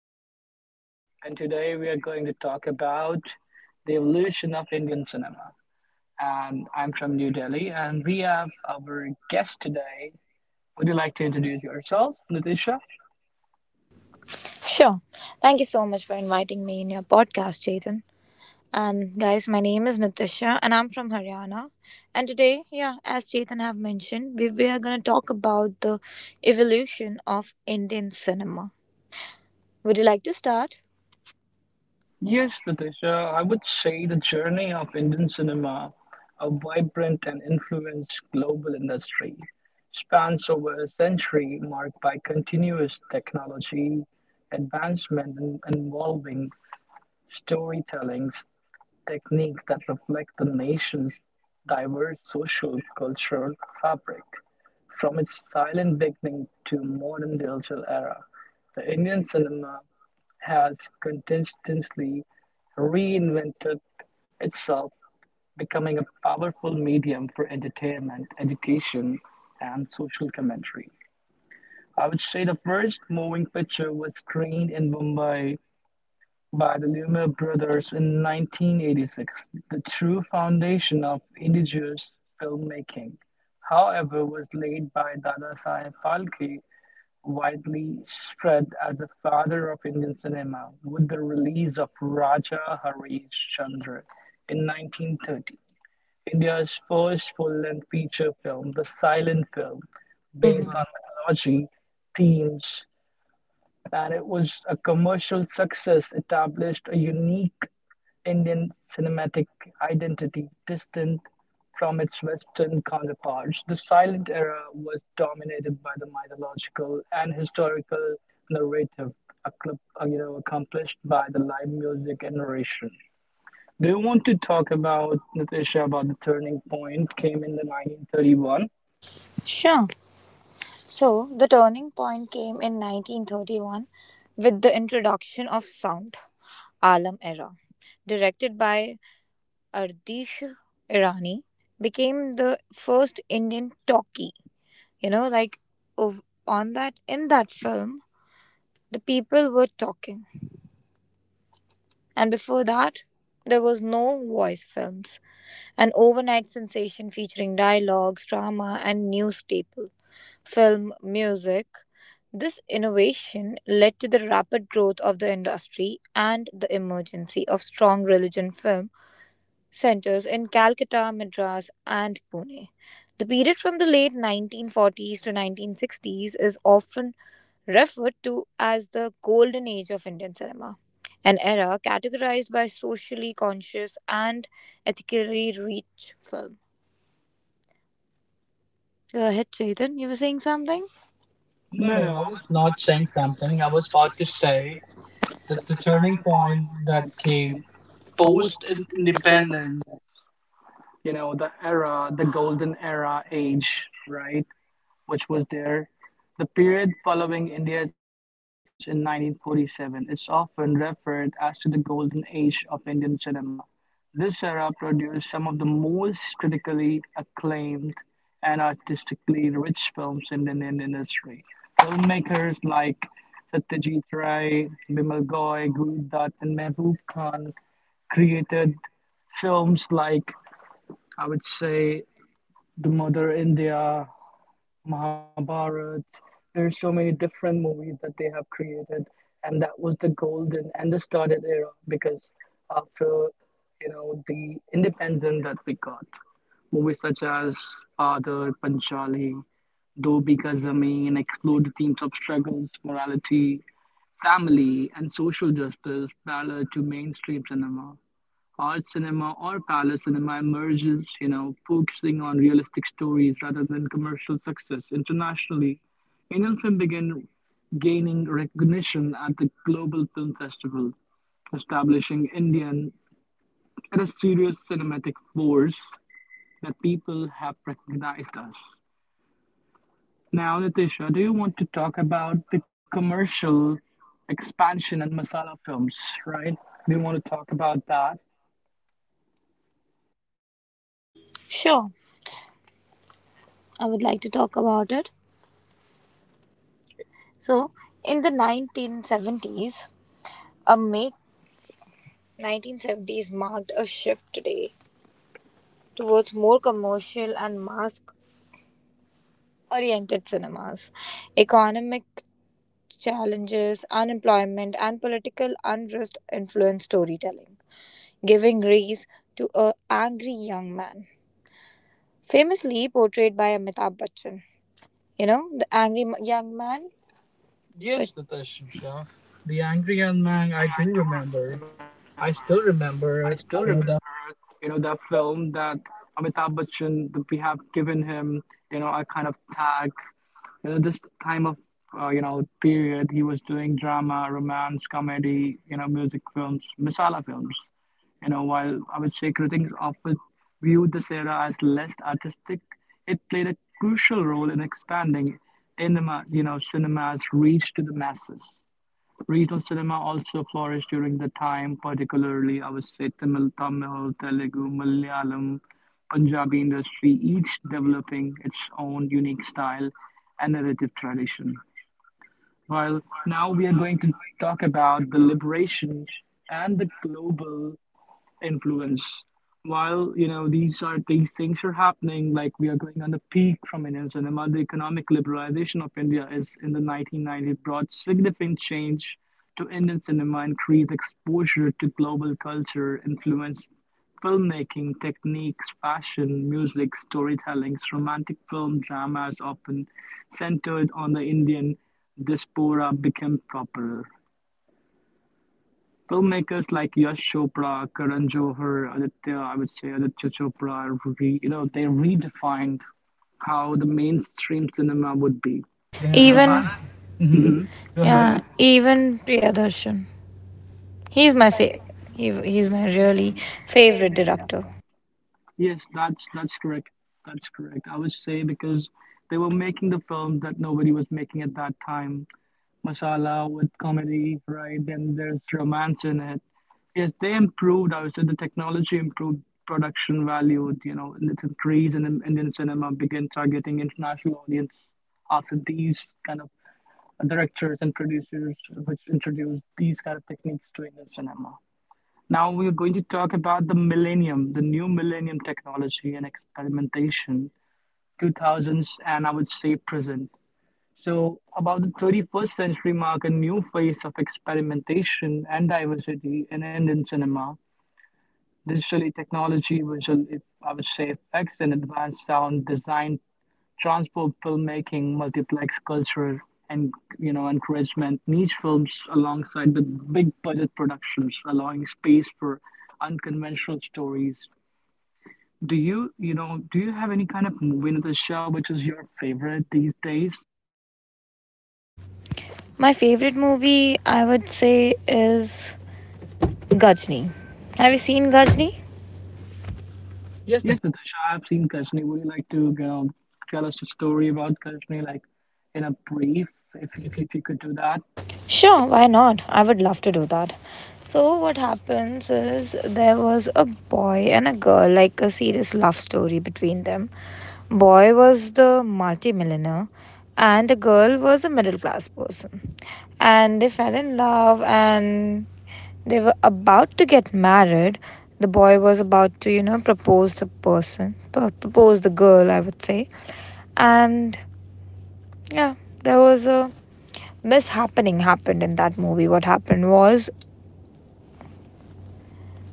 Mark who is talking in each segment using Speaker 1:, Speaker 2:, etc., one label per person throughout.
Speaker 1: is Shade, and today we are going to talk about the evolution of Indian cinema. And I'm from New Delhi, and we have our guest today. Would you like to introduce yourself, Natisha?
Speaker 2: Sure. Thank you so much for inviting me in your podcast, Chetan. And guys, my name is Natasha and I'm from Haryana. And today, yeah, as Chetan have mentioned, we are going to talk about the evolution of Indian cinema. Would you like to start?
Speaker 1: Yes, Natisha, I would say the journey of Indian cinema, a vibrant and influenced global industry, spans over a century marked by continuous technology advancement and involving Storytelling's techniques that reflect the nation's diverse social-cultural fabric, from its silent beginning to modern digital era. The Indian cinema has continuously reinvented itself, becoming a powerful medium for entertainment, education, and social commentary. I would say the first moving picture was screened in Mumbai by the Lumiere brothers in 1986. The true foundation of indigenous filmmaking, however, was laid by Dadasaheb Phalke, widely spread as the father of Indian cinema, with the release of Raja Harish Chandra in 1930. India's first full-length feature film, the silent film,
Speaker 2: Based
Speaker 1: based
Speaker 2: on.
Speaker 1: on mythology themes, and it was a commercial success, established a unique Indian cinematic identity distant from its Western counterparts. The silent era was dominated by the mythological and historical narrative accomplished by the live music and narration. Do you want to talk about, Natasha, about the turning point came in the 1931?
Speaker 2: Sure. So, the turning point came in 1931 with the introduction of sound, Alam era, directed by Ardish Irani, became the first Indian talkie, like, ov- on that in that film the people were talking. And before that there was no voice films. An overnight sensation featuring dialogues, drama, and news staple film music. This innovation led to the rapid growth of the industry and the emergency of strong religion film centers in Calcutta, Madras, and Pune. The period from the late 1940s to 1960s is often referred to as the golden age of Indian cinema, an era categorized by socially conscious and ethically rich film. Go ahead, Chetan. You were saying something? No,
Speaker 1: No,
Speaker 2: no,
Speaker 1: no,
Speaker 2: I
Speaker 1: I
Speaker 2: was
Speaker 1: was
Speaker 2: not
Speaker 1: not
Speaker 2: saying
Speaker 1: saying something.
Speaker 2: something. I
Speaker 1: I
Speaker 2: was
Speaker 1: was
Speaker 2: about
Speaker 1: about
Speaker 2: to
Speaker 1: to
Speaker 2: say
Speaker 1: say
Speaker 2: that
Speaker 1: that
Speaker 2: the
Speaker 1: the
Speaker 2: turning
Speaker 1: turning
Speaker 2: point that
Speaker 1: point that
Speaker 2: came
Speaker 1: came post
Speaker 2: post independence.
Speaker 1: independence, you know, the era, the golden era age, right, which was there. The period following india's independence in 1947 is often referred as to the golden age of indian cinema. This era produced some of the most critically acclaimed and artistically rich films in the Indian industry. Filmmakers like Satyajit Ray, Bimal Goy, Guru Dutt, and Mehboob Khan created films like, I would say, the Mother India, Mahabharat. There's so many different movies that they have created, and that was the golden and the started era because after, you know, the independence that we got, movies such as Father, Panchali, Do Bika Zameen explored the themes of struggles, morality, family, and social justice parallel to mainstream cinema. Art cinema or palace cinema emerges, you know, focusing on realistic stories rather than commercial success. Internationally, Indian film began gaining recognition at the Global Film Festival, establishing Indian as a serious cinematic force that people have recognized us. Now, Natasha, do you want to talk about the commercial expansion and masala films, right? Do you want to talk about that?
Speaker 2: Sure, I would like to talk about it. So, in the 1970s, a make 1970s marked a shift today towards more commercial and mass-oriented cinemas. Economic challenges, unemployment, and political unrest influenced storytelling, giving rise to a angry young man, famously portrayed by Amitabh Bachchan. The angry young man. Yes, Natasha. The angry young
Speaker 1: Man,
Speaker 2: man. I
Speaker 1: I
Speaker 2: do
Speaker 1: do remember.
Speaker 2: remember. I
Speaker 1: I
Speaker 2: still
Speaker 1: still
Speaker 2: remember,
Speaker 1: remember,
Speaker 2: you know,
Speaker 1: you know,
Speaker 2: that.
Speaker 1: that film that Amitabh Bachchan, that we have given him, you know, a kind of tag. You know, this time of, you know, period, he was doing drama, romance, comedy, you know, music films, masala films. You know, while I would say critics often viewed this era as less artistic, it played a crucial role in expanding in the, you know, cinema's reach to the masses. Regional cinema also flourished during the time, particularly I would Avesthi, Tamil, Telugu, Malayalam, Punjabi industry, each developing its own unique style and narrative tradition. While now we are going to talk about the liberation and the global influence, while, you know, these things are happening, like we are going on the peak from indian cinema. The economic liberalization of india is in the 1990s brought significant change to indian cinema. Increased exposure to global culture influenced filmmaking techniques, fashion, music, storytelling. Romantic film dramas often centered on the indian diaspora became popular. Filmmakers like Yash Chopra, Karan Johar, Aditya, I would say Aditya Chopra, you know, they redefined how the mainstream cinema would be. They have Even
Speaker 2: Even, hmm
Speaker 1: balanced. Go
Speaker 2: yeah,
Speaker 1: ahead.
Speaker 2: ahead. Even Priyadarshan. He's
Speaker 1: he's
Speaker 2: my
Speaker 1: my
Speaker 2: sa-
Speaker 1: fa-
Speaker 2: he, he's
Speaker 1: he's
Speaker 2: my
Speaker 1: my
Speaker 2: really
Speaker 1: really
Speaker 2: favorite
Speaker 1: favorite
Speaker 2: director.
Speaker 1: director. Yes, that's correct. That's correct. I would say because they were making the films that nobody was making at that time. Masala with comedy, right? Then there's romance in it. Yes, they improved. I would say the technology improved production value. You know, and it's increased, and Indian cinema began targeting international audience after these kind of directors and producers, which introduced these kind of techniques to Indian cinema. Now we are going to talk about the millennium, the new millennium technology and experimentation, 2000s, and I would say present. So, about the 31st century mark, a new phase of experimentation and diversity in Indian cinema. Digitally, technology, visual eff- I would say effects, and advanced sound design transport, filmmaking, multiplex culture, and, you know, encouragement niche films alongside with big budget productions, allowing space for unconventional stories. Do you have any kind of movie, Natasha, which is your favorite these days?
Speaker 2: My favorite movie I would say is Gajni. Have you seen Gajni? Yes. the,
Speaker 1: Yes, Natasha, I've seen Kashni. Would you like to, you know, tell us a story about Kashni, like in a brief,
Speaker 2: if
Speaker 1: if you could do that?
Speaker 2: Sure, why not? I would love to do that. So, what happens is there was a boy and a girl, like a serious love story between them. Boy was the multimillionaire, and the girl was a middle class person. And they fell in love, and they were about to get married. The boy was about to propose the girl, I would say. And yeah, there was a mishappening happened in that movie. What happened was.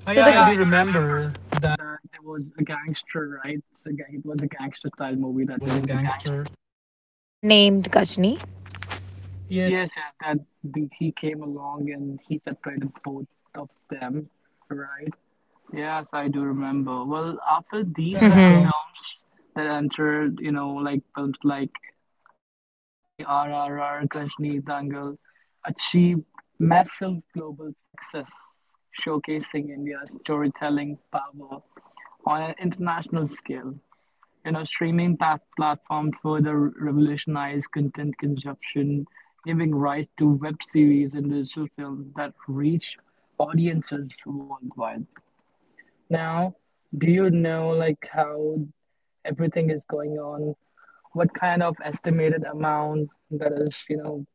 Speaker 2: Oh, so yeah,
Speaker 1: Oh, yeah,
Speaker 2: I
Speaker 1: I
Speaker 2: do
Speaker 1: do
Speaker 2: remember that
Speaker 1: remember that there was a gangster, right? It was a gangster style movie
Speaker 2: there
Speaker 1: that there
Speaker 2: was a
Speaker 1: was a gangster.
Speaker 2: gangster named Gajni. Yes,
Speaker 1: Yes, yes, that the, he came along and he separated both of them, right? Yes, I do remember. Well, after
Speaker 2: he's a
Speaker 1: these
Speaker 2: film.
Speaker 1: kind of
Speaker 2: Mhm.
Speaker 1: films that entered, you know, like films like Bahubali, RRR, Gajni Dangal achieved massive global success, showcasing India's storytelling power on an international scale. You know, platforms further revolutionized content consumption, giving rise to web series and digital films that reach audiences worldwide. Now, do you know like how everything is going on, what kind of estimated amount that is, you know,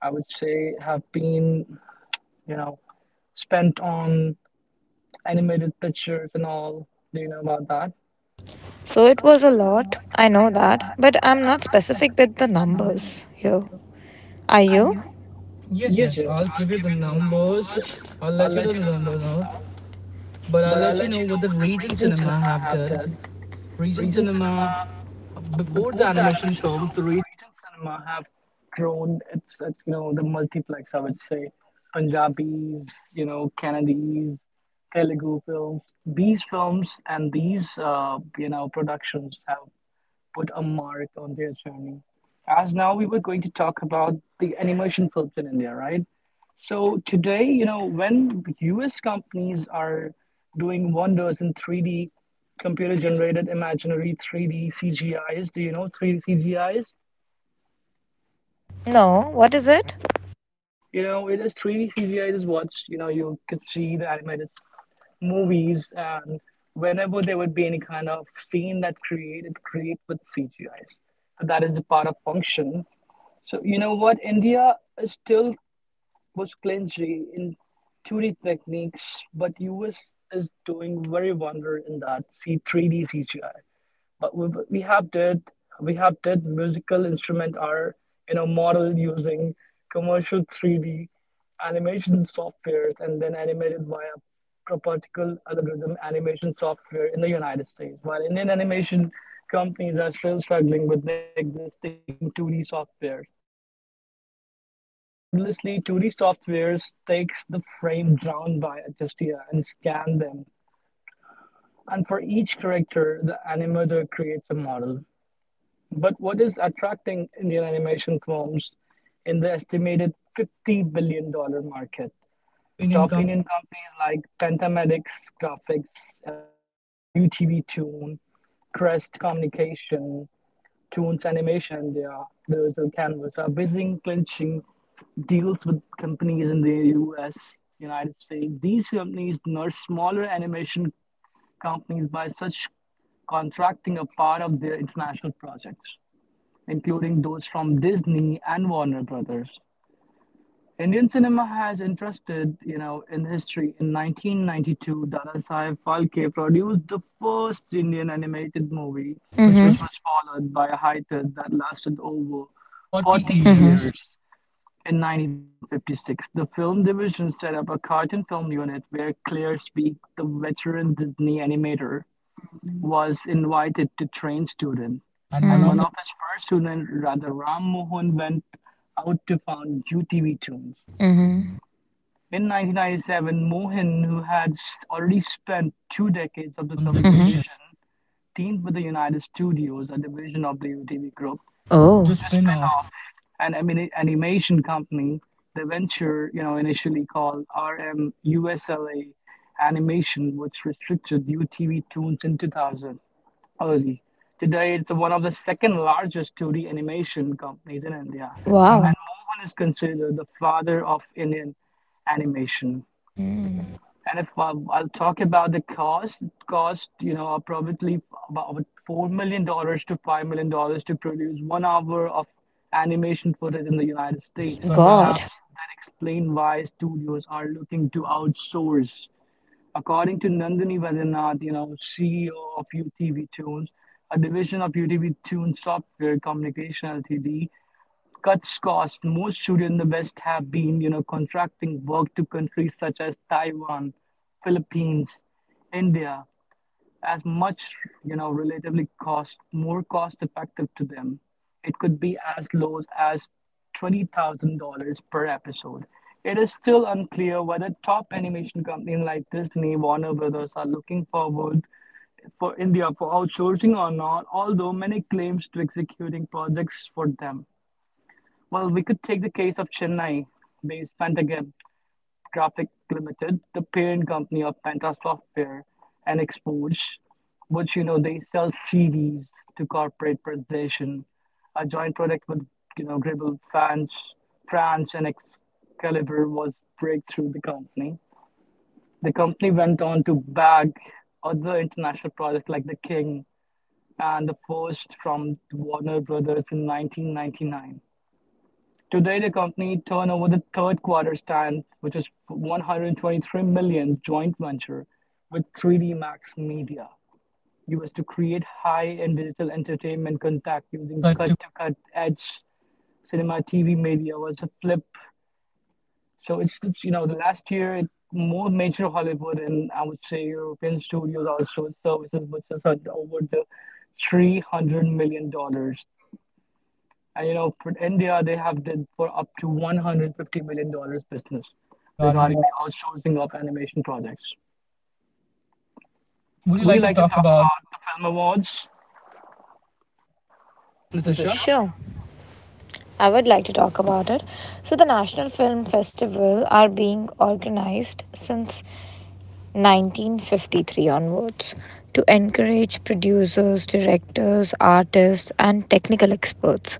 Speaker 1: I would say have been, you know, spent on animated pictures and all. Do you know about that?
Speaker 2: So it
Speaker 1: So it
Speaker 2: was a
Speaker 1: was a
Speaker 2: lot.
Speaker 1: lot,
Speaker 2: I
Speaker 1: I
Speaker 2: know
Speaker 1: know
Speaker 2: that,
Speaker 1: that,
Speaker 2: but
Speaker 1: but
Speaker 2: I'm
Speaker 1: I'm
Speaker 2: not
Speaker 1: not
Speaker 2: specific
Speaker 1: specific
Speaker 2: with the
Speaker 1: with the numbers
Speaker 2: numbers here.
Speaker 1: here.
Speaker 2: Are
Speaker 1: Are
Speaker 2: you?
Speaker 1: you?
Speaker 2: Yes,
Speaker 1: Yes,
Speaker 2: yes.
Speaker 1: yes.
Speaker 2: I'll
Speaker 1: I'll
Speaker 2: give you
Speaker 1: give
Speaker 2: the
Speaker 1: you the
Speaker 2: numbers.
Speaker 1: numbers.
Speaker 2: I'll
Speaker 1: I'll
Speaker 2: let you know
Speaker 1: let you
Speaker 2: the
Speaker 1: know the
Speaker 2: numbers
Speaker 1: numbers,
Speaker 2: now.
Speaker 1: now.
Speaker 2: But I'll
Speaker 1: But I'll
Speaker 2: let you
Speaker 1: let
Speaker 2: know
Speaker 1: you
Speaker 2: what
Speaker 1: know
Speaker 2: the
Speaker 1: what the
Speaker 2: Regent
Speaker 1: Regent
Speaker 2: Cinema
Speaker 1: Cinema
Speaker 2: have
Speaker 1: have
Speaker 2: did.
Speaker 1: did.
Speaker 2: Regent
Speaker 1: Regent Cinema.
Speaker 2: Cinema, before the
Speaker 1: Before the
Speaker 2: animation
Speaker 1: animation
Speaker 2: film, the
Speaker 1: films, the
Speaker 2: Regent.
Speaker 1: region cinema have grown. It's, you know, the multiplex. I would say Punjabis, you know, Kannadis, Telugu films. These films and these you know, productions have put a mark on their journey. As now we were going to talk about the animation films in India, right? So today, you know, when US companies are doing wonders in 3D computer generated imaginary 3D CGIs, do you know 3D CGIs?
Speaker 2: No. What is it?
Speaker 1: You know, it is 3D CGIs is what, you know, you could see the animated movies, and whenever there would be any kind of scene that created create with CGIs. And that is the part of function. So you know what? India still was clingy in 2D techniques, but US is doing very wonder in that C 3 DCGI. But we have did, musical instrument are, you know, model using commercial 3D animation softwares and then animated via propertical algorithm animation software in the United States, while Indian animation companies are still struggling with the existing 2D software. Erroneously, Turing software takes the frames drawn by Agustina and scans them, and for each character, the animator creates a model. But what is attracting Indian animation films in the estimated $50 billion dollars market?
Speaker 2: Top Indian
Speaker 1: Top
Speaker 2: company.
Speaker 1: Indian companies like Pentamedics Graphics Ltd, UTV Tune, Crest Communication, Toons Animation and their Digital Canvas are busy clinching deals with companies in the US, United States. These companies nurse smaller animation companies by such contracting a part of their international projects, including those from Disney and Warner Brothers. Indian cinema has interested, you know, in history. In 1992, Dada Saheb Phalke produced the first Indian animated movie, which
Speaker 2: Mhm.
Speaker 1: was followed by a hiatus that lasted over
Speaker 2: 40
Speaker 1: 40
Speaker 2: years. Mm-hmm.
Speaker 1: years. In 1956, the film division set up a cartoon film unit where Claire Speak, the veteran Disney animator, was invited to train students.
Speaker 2: And
Speaker 1: And one
Speaker 2: monopoly.
Speaker 1: of his first students, Radha Ram Mohan, went out to found UTV Tunes.
Speaker 2: Mm-hmm.
Speaker 1: In 1997, Mohan, who had already spent two decades of the
Speaker 2: From the.
Speaker 1: film
Speaker 2: Mm-hmm. Vision.
Speaker 1: division, teamed with the United Studios, a division of the UTV Group.
Speaker 2: Oh, to
Speaker 1: The
Speaker 2: spin
Speaker 1: spin
Speaker 2: off.
Speaker 1: off an animation company. The venture, you know, initially called RMUSLA Animation, which restricted UTV Toons in 2000 early. Today, it's one of the second largest 2D animation companies in India,
Speaker 2: Wow.
Speaker 1: and Mohan is considered the father of Indian animation. And if I, I'll talk about the cost, it cost, you know, probably about $4 million to $5 million to produce 1 hour of animation footage in the United
Speaker 2: States.
Speaker 1: States.
Speaker 2: Perhaps God.
Speaker 1: Perhaps that explains why studios are looking to outsource. According to Nandini Vaidyanathan, you know, CEO of UTV Tunes, a division of UTV Tunes Software Communication Ltd, cuts costs. Most studios in the West have been, you know, contracting work to countries such as Taiwan, Philippines, India as much, you know, relatively cost more cost effective to them. It could be as low as $20,000 per episode. It is still unclear whether top animation companies like Disney, Warner Brothers are looking forward for India for outsourcing or not, although many claims to executing projects for them. Well, we could take the case of Chennai based Pantagam Graphics Limited, the parent company of Penta Software and Exports, which they sell CDs to corporate presentation, a joint product with Gribble France, France and Excalibur was breakthrough the company. The company went on to bag other international projects like The King and the first from Warner Brothers in 1999. Today the company turned over the third quarter stand, which is $123 million dollars joint venture with 3D Max Media, used to create high-end digital entertainment content using
Speaker 2: Cut to.
Speaker 1: cut-to-cut edge cinema TV media was a flip. The last year, it, more major Hollywood and I would say European studios also services which is over the $300 million dollars. And you know, for India, they have did for up to 150 million dollars business
Speaker 2: Regarding the.
Speaker 1: regarding the outsourcing of animation projects.
Speaker 2: Would you
Speaker 1: Would you
Speaker 2: like to
Speaker 1: like to
Speaker 2: talk
Speaker 1: talk
Speaker 2: about,
Speaker 1: about the film awards,
Speaker 2: Natasha?
Speaker 1: Natasha?
Speaker 2: Sure. I would like to talk about it. So, the National Film Festival are being organized since 1953 onwards to encourage producers, directors, artists, and technical experts,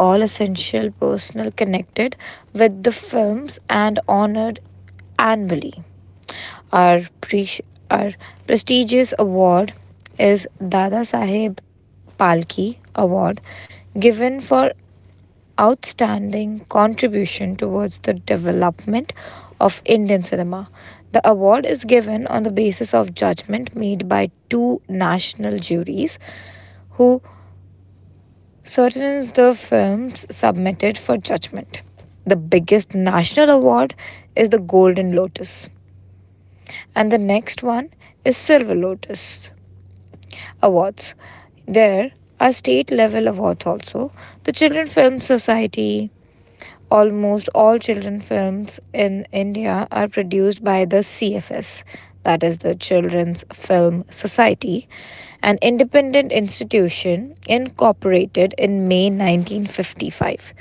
Speaker 2: all essential personnel connected with the films and honored annually. Our, pre- our prestigious award is Dada Saheb Palki Award, given for outstanding contribution towards the development of Indian cinema. The award is given on the basis of judgment made by two national juries who certain the films submitted for judgment. The biggest national award is the Golden Lotus, and the next one is Silver Lotus Awards. There are state level awards also. The Children Film Society. Almost all children films in India are produced by the CFS, that is the Children's Film Society, an independent institution incorporated in May 1955.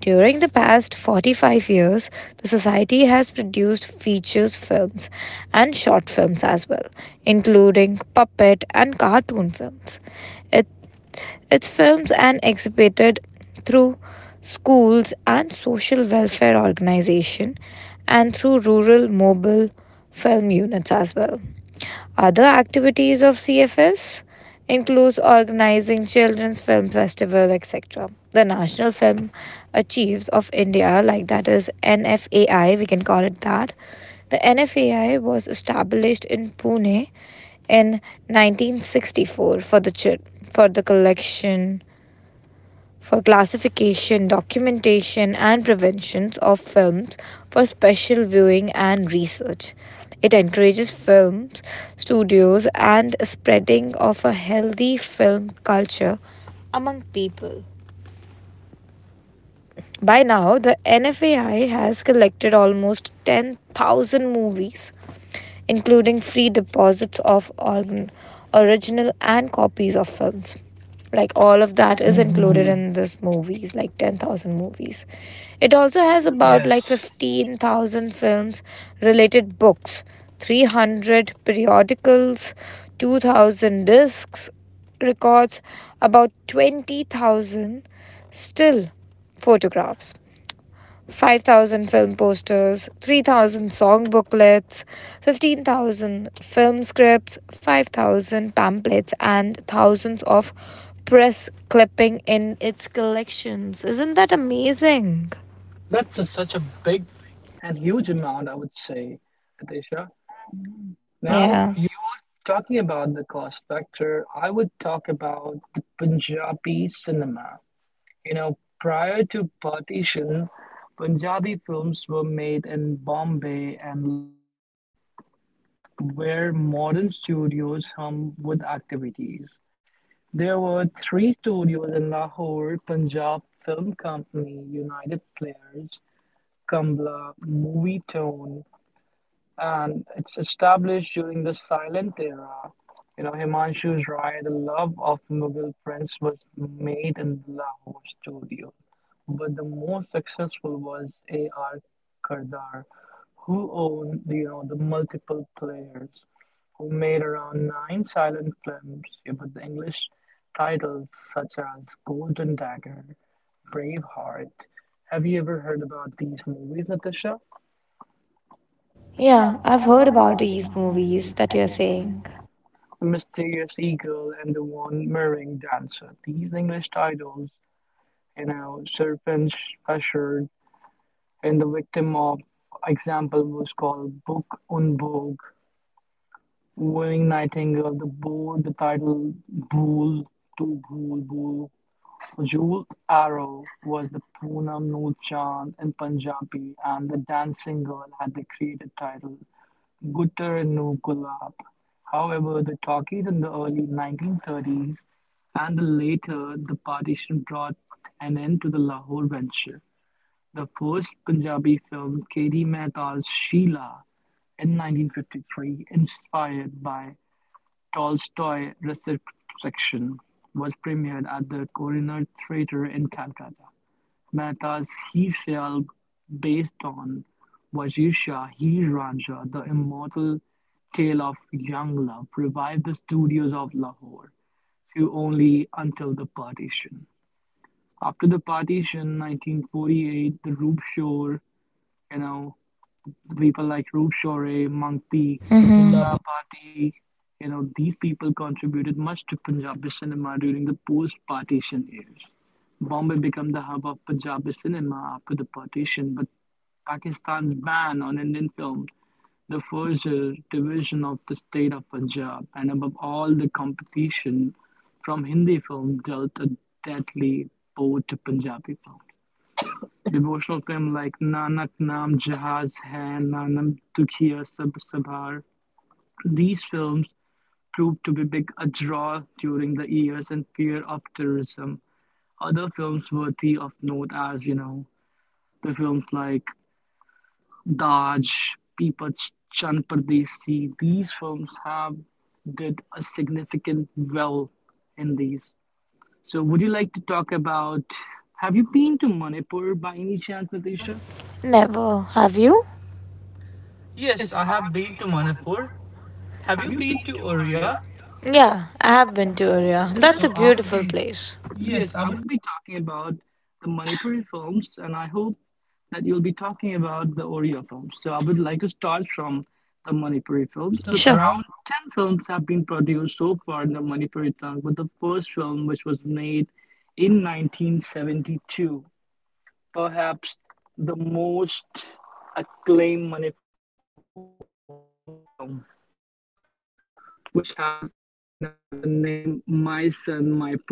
Speaker 2: During the past 45 years, the society has produced features films and short films as well, including puppet and cartoon films. It its films and exhibited through schools and social welfare organization and through rural mobile film units as well. Other activities of CFS includes organizing children's film festival, etc. The National Film Achieves of India, like that is NFAI, we can call it that. The NFAI was established in Pune in 1964 for the collection, for classification, documentation, and preventions of films for special viewing and research. It encourages films, studios, and spreading of a healthy film culture among people. By now, the NFAI has collected almost 10,000 movies including free deposits of organ, original and copies of films. Like all of that
Speaker 1: That
Speaker 2: is
Speaker 1: it
Speaker 2: included in this movies, like 10,000 movies. It also
Speaker 1: also
Speaker 2: has
Speaker 1: has
Speaker 2: about, yes,
Speaker 1: about
Speaker 2: like
Speaker 1: 18.
Speaker 2: 15,000 films, related books, 300 periodicals, 2,000 discs, records, about 20,000 still photographs, 5,000 film posters, 3,000 song booklets, 15,000 film scripts, 5,000 pamphlets, and thousands of press clipping in its collections. Isn't that amazing?
Speaker 1: That's
Speaker 2: That's
Speaker 1: a,
Speaker 2: a,
Speaker 1: such
Speaker 2: such a
Speaker 1: a
Speaker 2: big
Speaker 1: big
Speaker 2: thing.
Speaker 1: and huge amount, I would say, Natasha.
Speaker 2: Now,
Speaker 1: Now, you
Speaker 2: yeah, you.
Speaker 1: were talking about the cost factor. I would talk about the Punjabi cinema. You know, prior to partition, Punjabi films were made in Bombay and Lahore, where modern studios hum with activities. There were 3 studios in Lahore Punjab Film Company, United Players, Kambla, Movie Tone, and it's established during the silent era. You know, Himanshu's ride, The Love of Mughal Prince, was made in the Lahore studio, but the most successful was A.R. Kardar, who owned, the multiple players, who made around 9 silent films, yeah, with the English titles such as Golden Dagger, Braveheart. Have you ever heard about these movies, Natasha?
Speaker 2: Yeah,
Speaker 1: Yeah,
Speaker 2: I've
Speaker 1: I've
Speaker 2: heard
Speaker 1: heard
Speaker 2: about
Speaker 1: about these
Speaker 2: these movies
Speaker 1: movies
Speaker 2: that
Speaker 1: that
Speaker 2: you're
Speaker 1: you're saying.
Speaker 2: saying.
Speaker 1: The Mysterious Eagle and The One Merring Dancer. These English titles, Serpent Special, and the victim of example was called Book on Book, Wing Nightingale, The Board, the title Bool, To Bool Bool. Jewel Arrow was the Poonam Noor Chand in Punjabi, and The Dancing Girl had the creative title Gutter Nukulab. However, the talkies in the early 1930s and the later the partition brought an end to the Lahore venture. The first Punjabi film, K.D. Mehta's Sheila, in 1953, inspired by Tolstoy reception, was premiered at the Coroner Theatre in Calcutta. Mehta's "Heer-Syal", based on Wazir Shah Heer-Ranjha, the immortal tale of young love, revived the studios of Lahore, though only until the partition. After the partition, 1948, the Roop Shore, you know, people like Rup Shaurya, Mank T, Lulla
Speaker 2: Love.
Speaker 1: Bhatti, these people contributed much to Punjabi cinema during the post-partition years. Bombay became the hub of Punjabi cinema after the partition, but Pakistan's ban on Indian film, the first division of the state of Punjab, and above all the competition from Hindi film dealt a deadly blow to Punjabi film. Devotional film like Nanak Naam Jahaz Hai, Nanam Dukhiya Sab Sabhar. These films proved to be big a draw during the years in fear of terrorism. Other films worthy of note as, the films like Daj, Peepach Chan Pardesi. These films have did a significant well in these. So would you like to talk about Have you been to Manipur by any chance,
Speaker 2: Aisha?
Speaker 1: Natasha?
Speaker 2: Never. Have you?
Speaker 1: Yes,
Speaker 2: Yes,
Speaker 1: I
Speaker 2: I have
Speaker 1: have
Speaker 2: been
Speaker 1: been
Speaker 2: to
Speaker 1: to Manipur.
Speaker 2: Manipur. Have
Speaker 1: Have
Speaker 2: you
Speaker 1: you
Speaker 2: been
Speaker 1: been to
Speaker 2: to
Speaker 1: Oria?
Speaker 2: Oria?
Speaker 1: Yeah,
Speaker 2: Yeah, I have
Speaker 1: I
Speaker 2: been
Speaker 1: have
Speaker 2: to
Speaker 1: been to
Speaker 2: Oria.
Speaker 1: Oria.
Speaker 2: That's. So, a. So I would. Beautiful place.
Speaker 1: Yes,
Speaker 2: Yes, I
Speaker 1: I
Speaker 2: would.
Speaker 1: will be talking about the Manipuri films, and I hope that you'll be talking about the Oria films. So I would like to start from the Manipuri
Speaker 2: Films.
Speaker 1: films.
Speaker 2: The. Sure. Surround.
Speaker 1: Around 10 films have been produced so far in the Manipuri tongue, but the first film, which was made in 1972, perhaps the most acclaimed Manipur film, which has the name My Son, My Precious in 1981.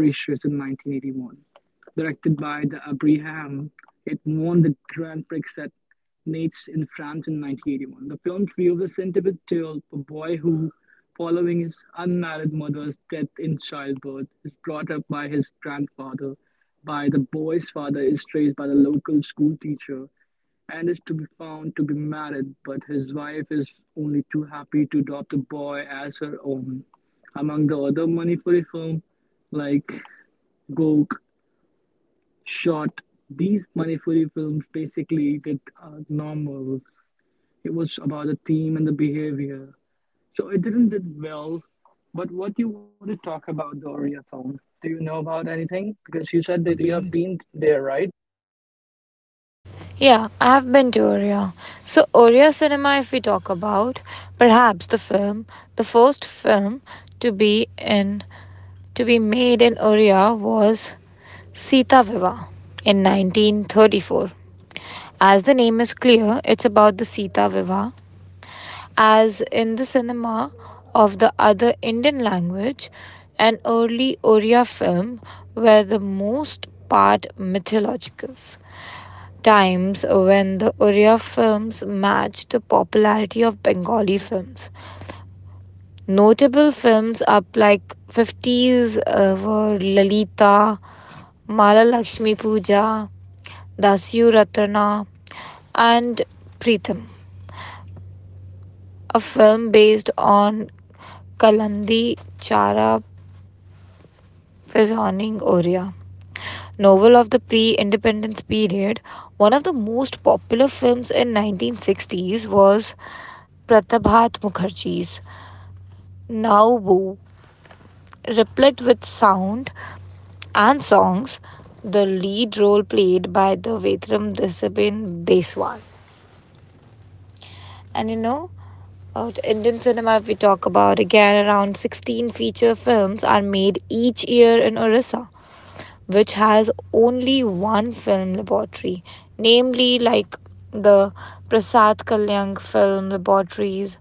Speaker 1: Directed by the Abraham, it won the Grand Prix at Nates in France in 1981. The film views the sentiment tale of a boy who, following his unmarried mother's death in childbirth, is brought up by his grandfather. By the boy's father is raised by the local school teacher and is to be found to be married, but his wife is only too happy to adopt the boy as her own. Among the other Manipuri films like Gok, Shot, these Manipuri films basically did normal. It was about the theme and the behavior. So it didn't did well. But what do you want to talk about the Oriya film? Do you know about anything? Because you said that
Speaker 2: You
Speaker 1: you
Speaker 2: have
Speaker 1: have
Speaker 2: been.
Speaker 1: been there, right?
Speaker 2: Yeah, I have been to Oria. So, Oria cinema, if we talk about, perhaps the film, the first film to be in, to be made in Oria was Sita Viva in 1934. As the name is clear, it's about the Sita Viva. As in the cinema of the other Indian language, an early Oriya film were the most part mythological. Times when the Oriya films matched the popularity of Bengali films. Notable films up like 50s, were Lalita, Mala Lakshmi Puja, Dasyu Ratana, and Pritham. A film based on Kalandi Chara Fazhaning Oria, novel of the pre-independence period. One of the most popular films in 1960s was Pratibhat Mukherjee's Nauboo. Replete with sound and songs, the lead role played by the Vetram Disabin Beswal. And, about Indian cinema, if we talk about again, around 16 feature films are made each year in Orissa, which has only one film laboratory, namely like the Prasad Kalyang Film Laboratories,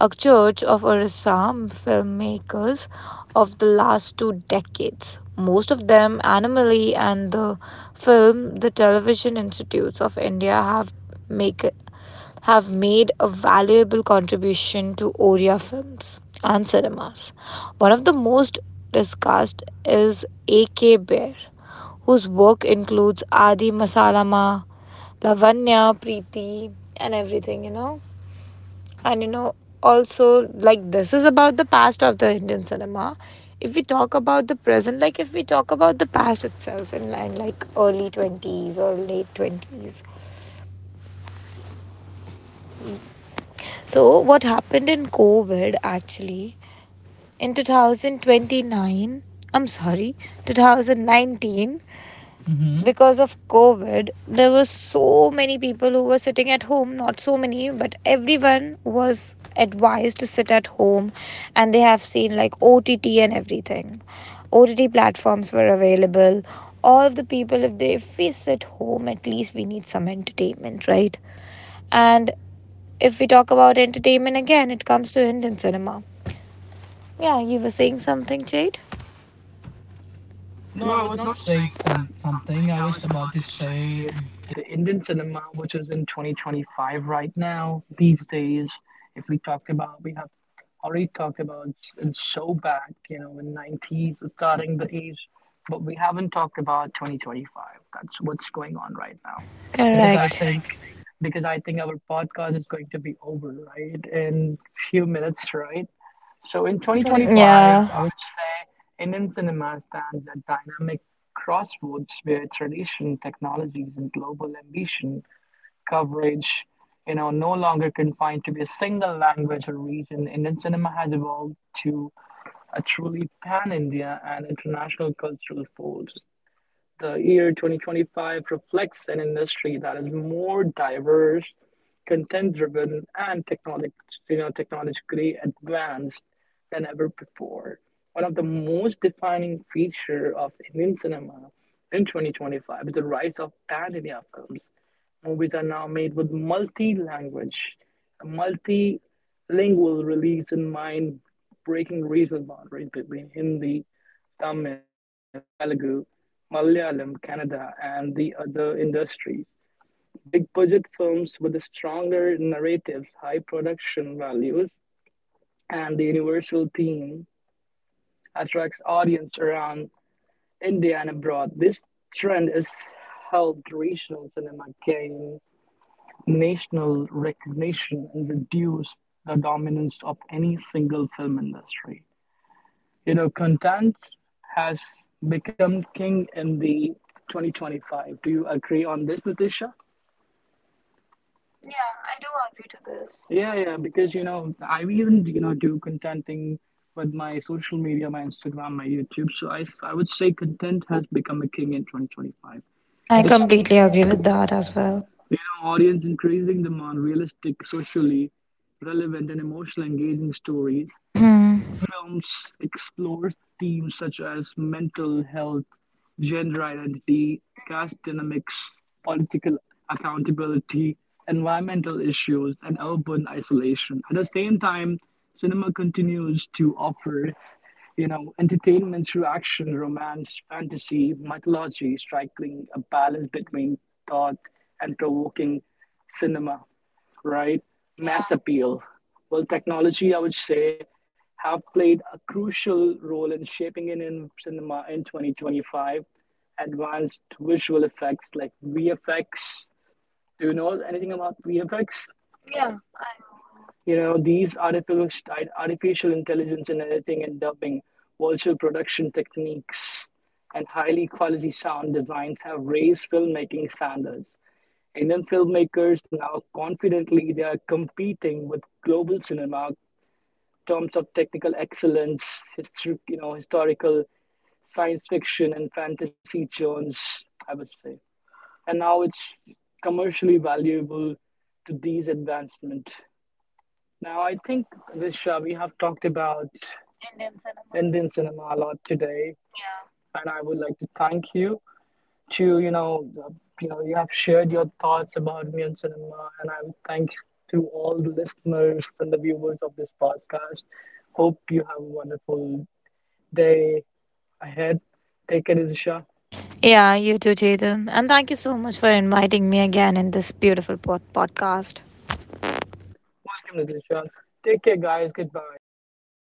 Speaker 2: a church of Orissa filmmakers of the last two decades. Most of them, Animali and the film, the Television Institutes of India have make have made a valuable contribution to Oriya films and cinemas. One of the most discussed is A.K. Baer, whose work includes Adi Masalama, Lavanya, Preeti, and everything, you know. And, also, like, this is about the past of the Indian cinema. If we talk about the present, like, if we talk about the past itself in like early 20s or late 20s. So, what happened in COVID actually in 2029, I'm sorry, 2019, because of COVID, there were so many people who were sitting at home, not so many, but everyone was advised to sit at home and they have seen like OTT and everything. OTT platforms were available. All of the people, if they, if we sit home, at least we need some entertainment, right? And if we talk about entertainment again, it comes to Indian cinema. Yeah, you were saying something, Jade? No,
Speaker 1: No,
Speaker 2: I
Speaker 1: I was
Speaker 2: was
Speaker 1: not
Speaker 2: not saying
Speaker 1: saying
Speaker 2: some, something.
Speaker 1: something.
Speaker 2: I
Speaker 1: I was
Speaker 2: was about
Speaker 1: about
Speaker 2: to
Speaker 1: to
Speaker 2: say.
Speaker 1: say the Indian cinema, which is in 2025 right now, these days, if we talked about, we have already talked about it's so back, in 90s, starting the age, but we haven't talked about 2025. That's what's going on right now. Because
Speaker 2: Correct. I
Speaker 1: I
Speaker 2: think
Speaker 1: think because I think our podcast is going to be over, right? In few minutes, right? So in
Speaker 2: 2025.
Speaker 1: 2025,
Speaker 2: Yeah.
Speaker 1: I would say Indian cinema stands at dynamic crossroads where tradition, technologies, and global ambition coverage, no longer confined to be a single language or region. Indian cinema has evolved to a truly pan-India and international cultural force. The year 2025 reflects an industry that is more diverse, content driven, and technologically advanced than ever before. One of the most defining features of Indian cinema in 2025 is the rise of pan India films. Movies are now made with a multilingual release in mind, breaking regional boundaries between Hindi, Tamil, Telugu, Malayalam, Canada, and the other industries. Big budget films with stronger narratives, high production values, and the universal theme attracts audience around India and abroad. This trend has helped regional cinema gain national recognition and reduce the dominance of any single film industry. You know, content has become king in the 2025. Do you agree on this, Natasha? Yeah, I do agree to this. Yeah, yeah, because you know, I even do content thing with my social media, my Instagram, my YouTube. So I would say content has become a king in 2025.
Speaker 2: I
Speaker 1: I It's
Speaker 2: completely
Speaker 1: completely
Speaker 2: agree
Speaker 1: agree
Speaker 2: with
Speaker 1: with
Speaker 2: that
Speaker 1: that
Speaker 2: as
Speaker 1: as
Speaker 2: well.
Speaker 1: well. You know, audience increasing demand, realistic, socially relevant, and emotional engaging stories
Speaker 2: Hmm.
Speaker 1: films explores themes such as mental health, gender identity, caste dynamics, political accountability, environmental issues, and urban isolation. At the same time, cinema continues to offer entertainment through action, romance, fantasy, mythology, striking a balance between thought and provoking cinema, right? Mass appeal. Well, technology, I would say, have played a crucial role in shaping it in cinema in 2025. Advanced visual effects like VFX. Do you know anything about VFX? Yeah, I. You know, these artificial intelligence in editing and dubbing, virtual production techniques, and highly quality sound designs have raised filmmaking standards. Indian filmmakers now confidently they are competing with global cinema in terms of technical excellence, history, historical science fiction and fantasy genres, I would say. And now it's commercially valuable to these advancements. Now I think Risha, we have talked about Indian cinema. Indian cinema a lot today, yeah, and I would like to thank you to you have shared your thoughts about me and cinema, and I would thank to all the listeners and the viewers of this podcast. Hope you have a wonderful day ahead. Take care, Lizisha.
Speaker 2: Yeah, you too, Chetan. And thank you so much for inviting me again in this beautiful podcast.
Speaker 1: Welcome, Lizisha. Take care, guys. Goodbye.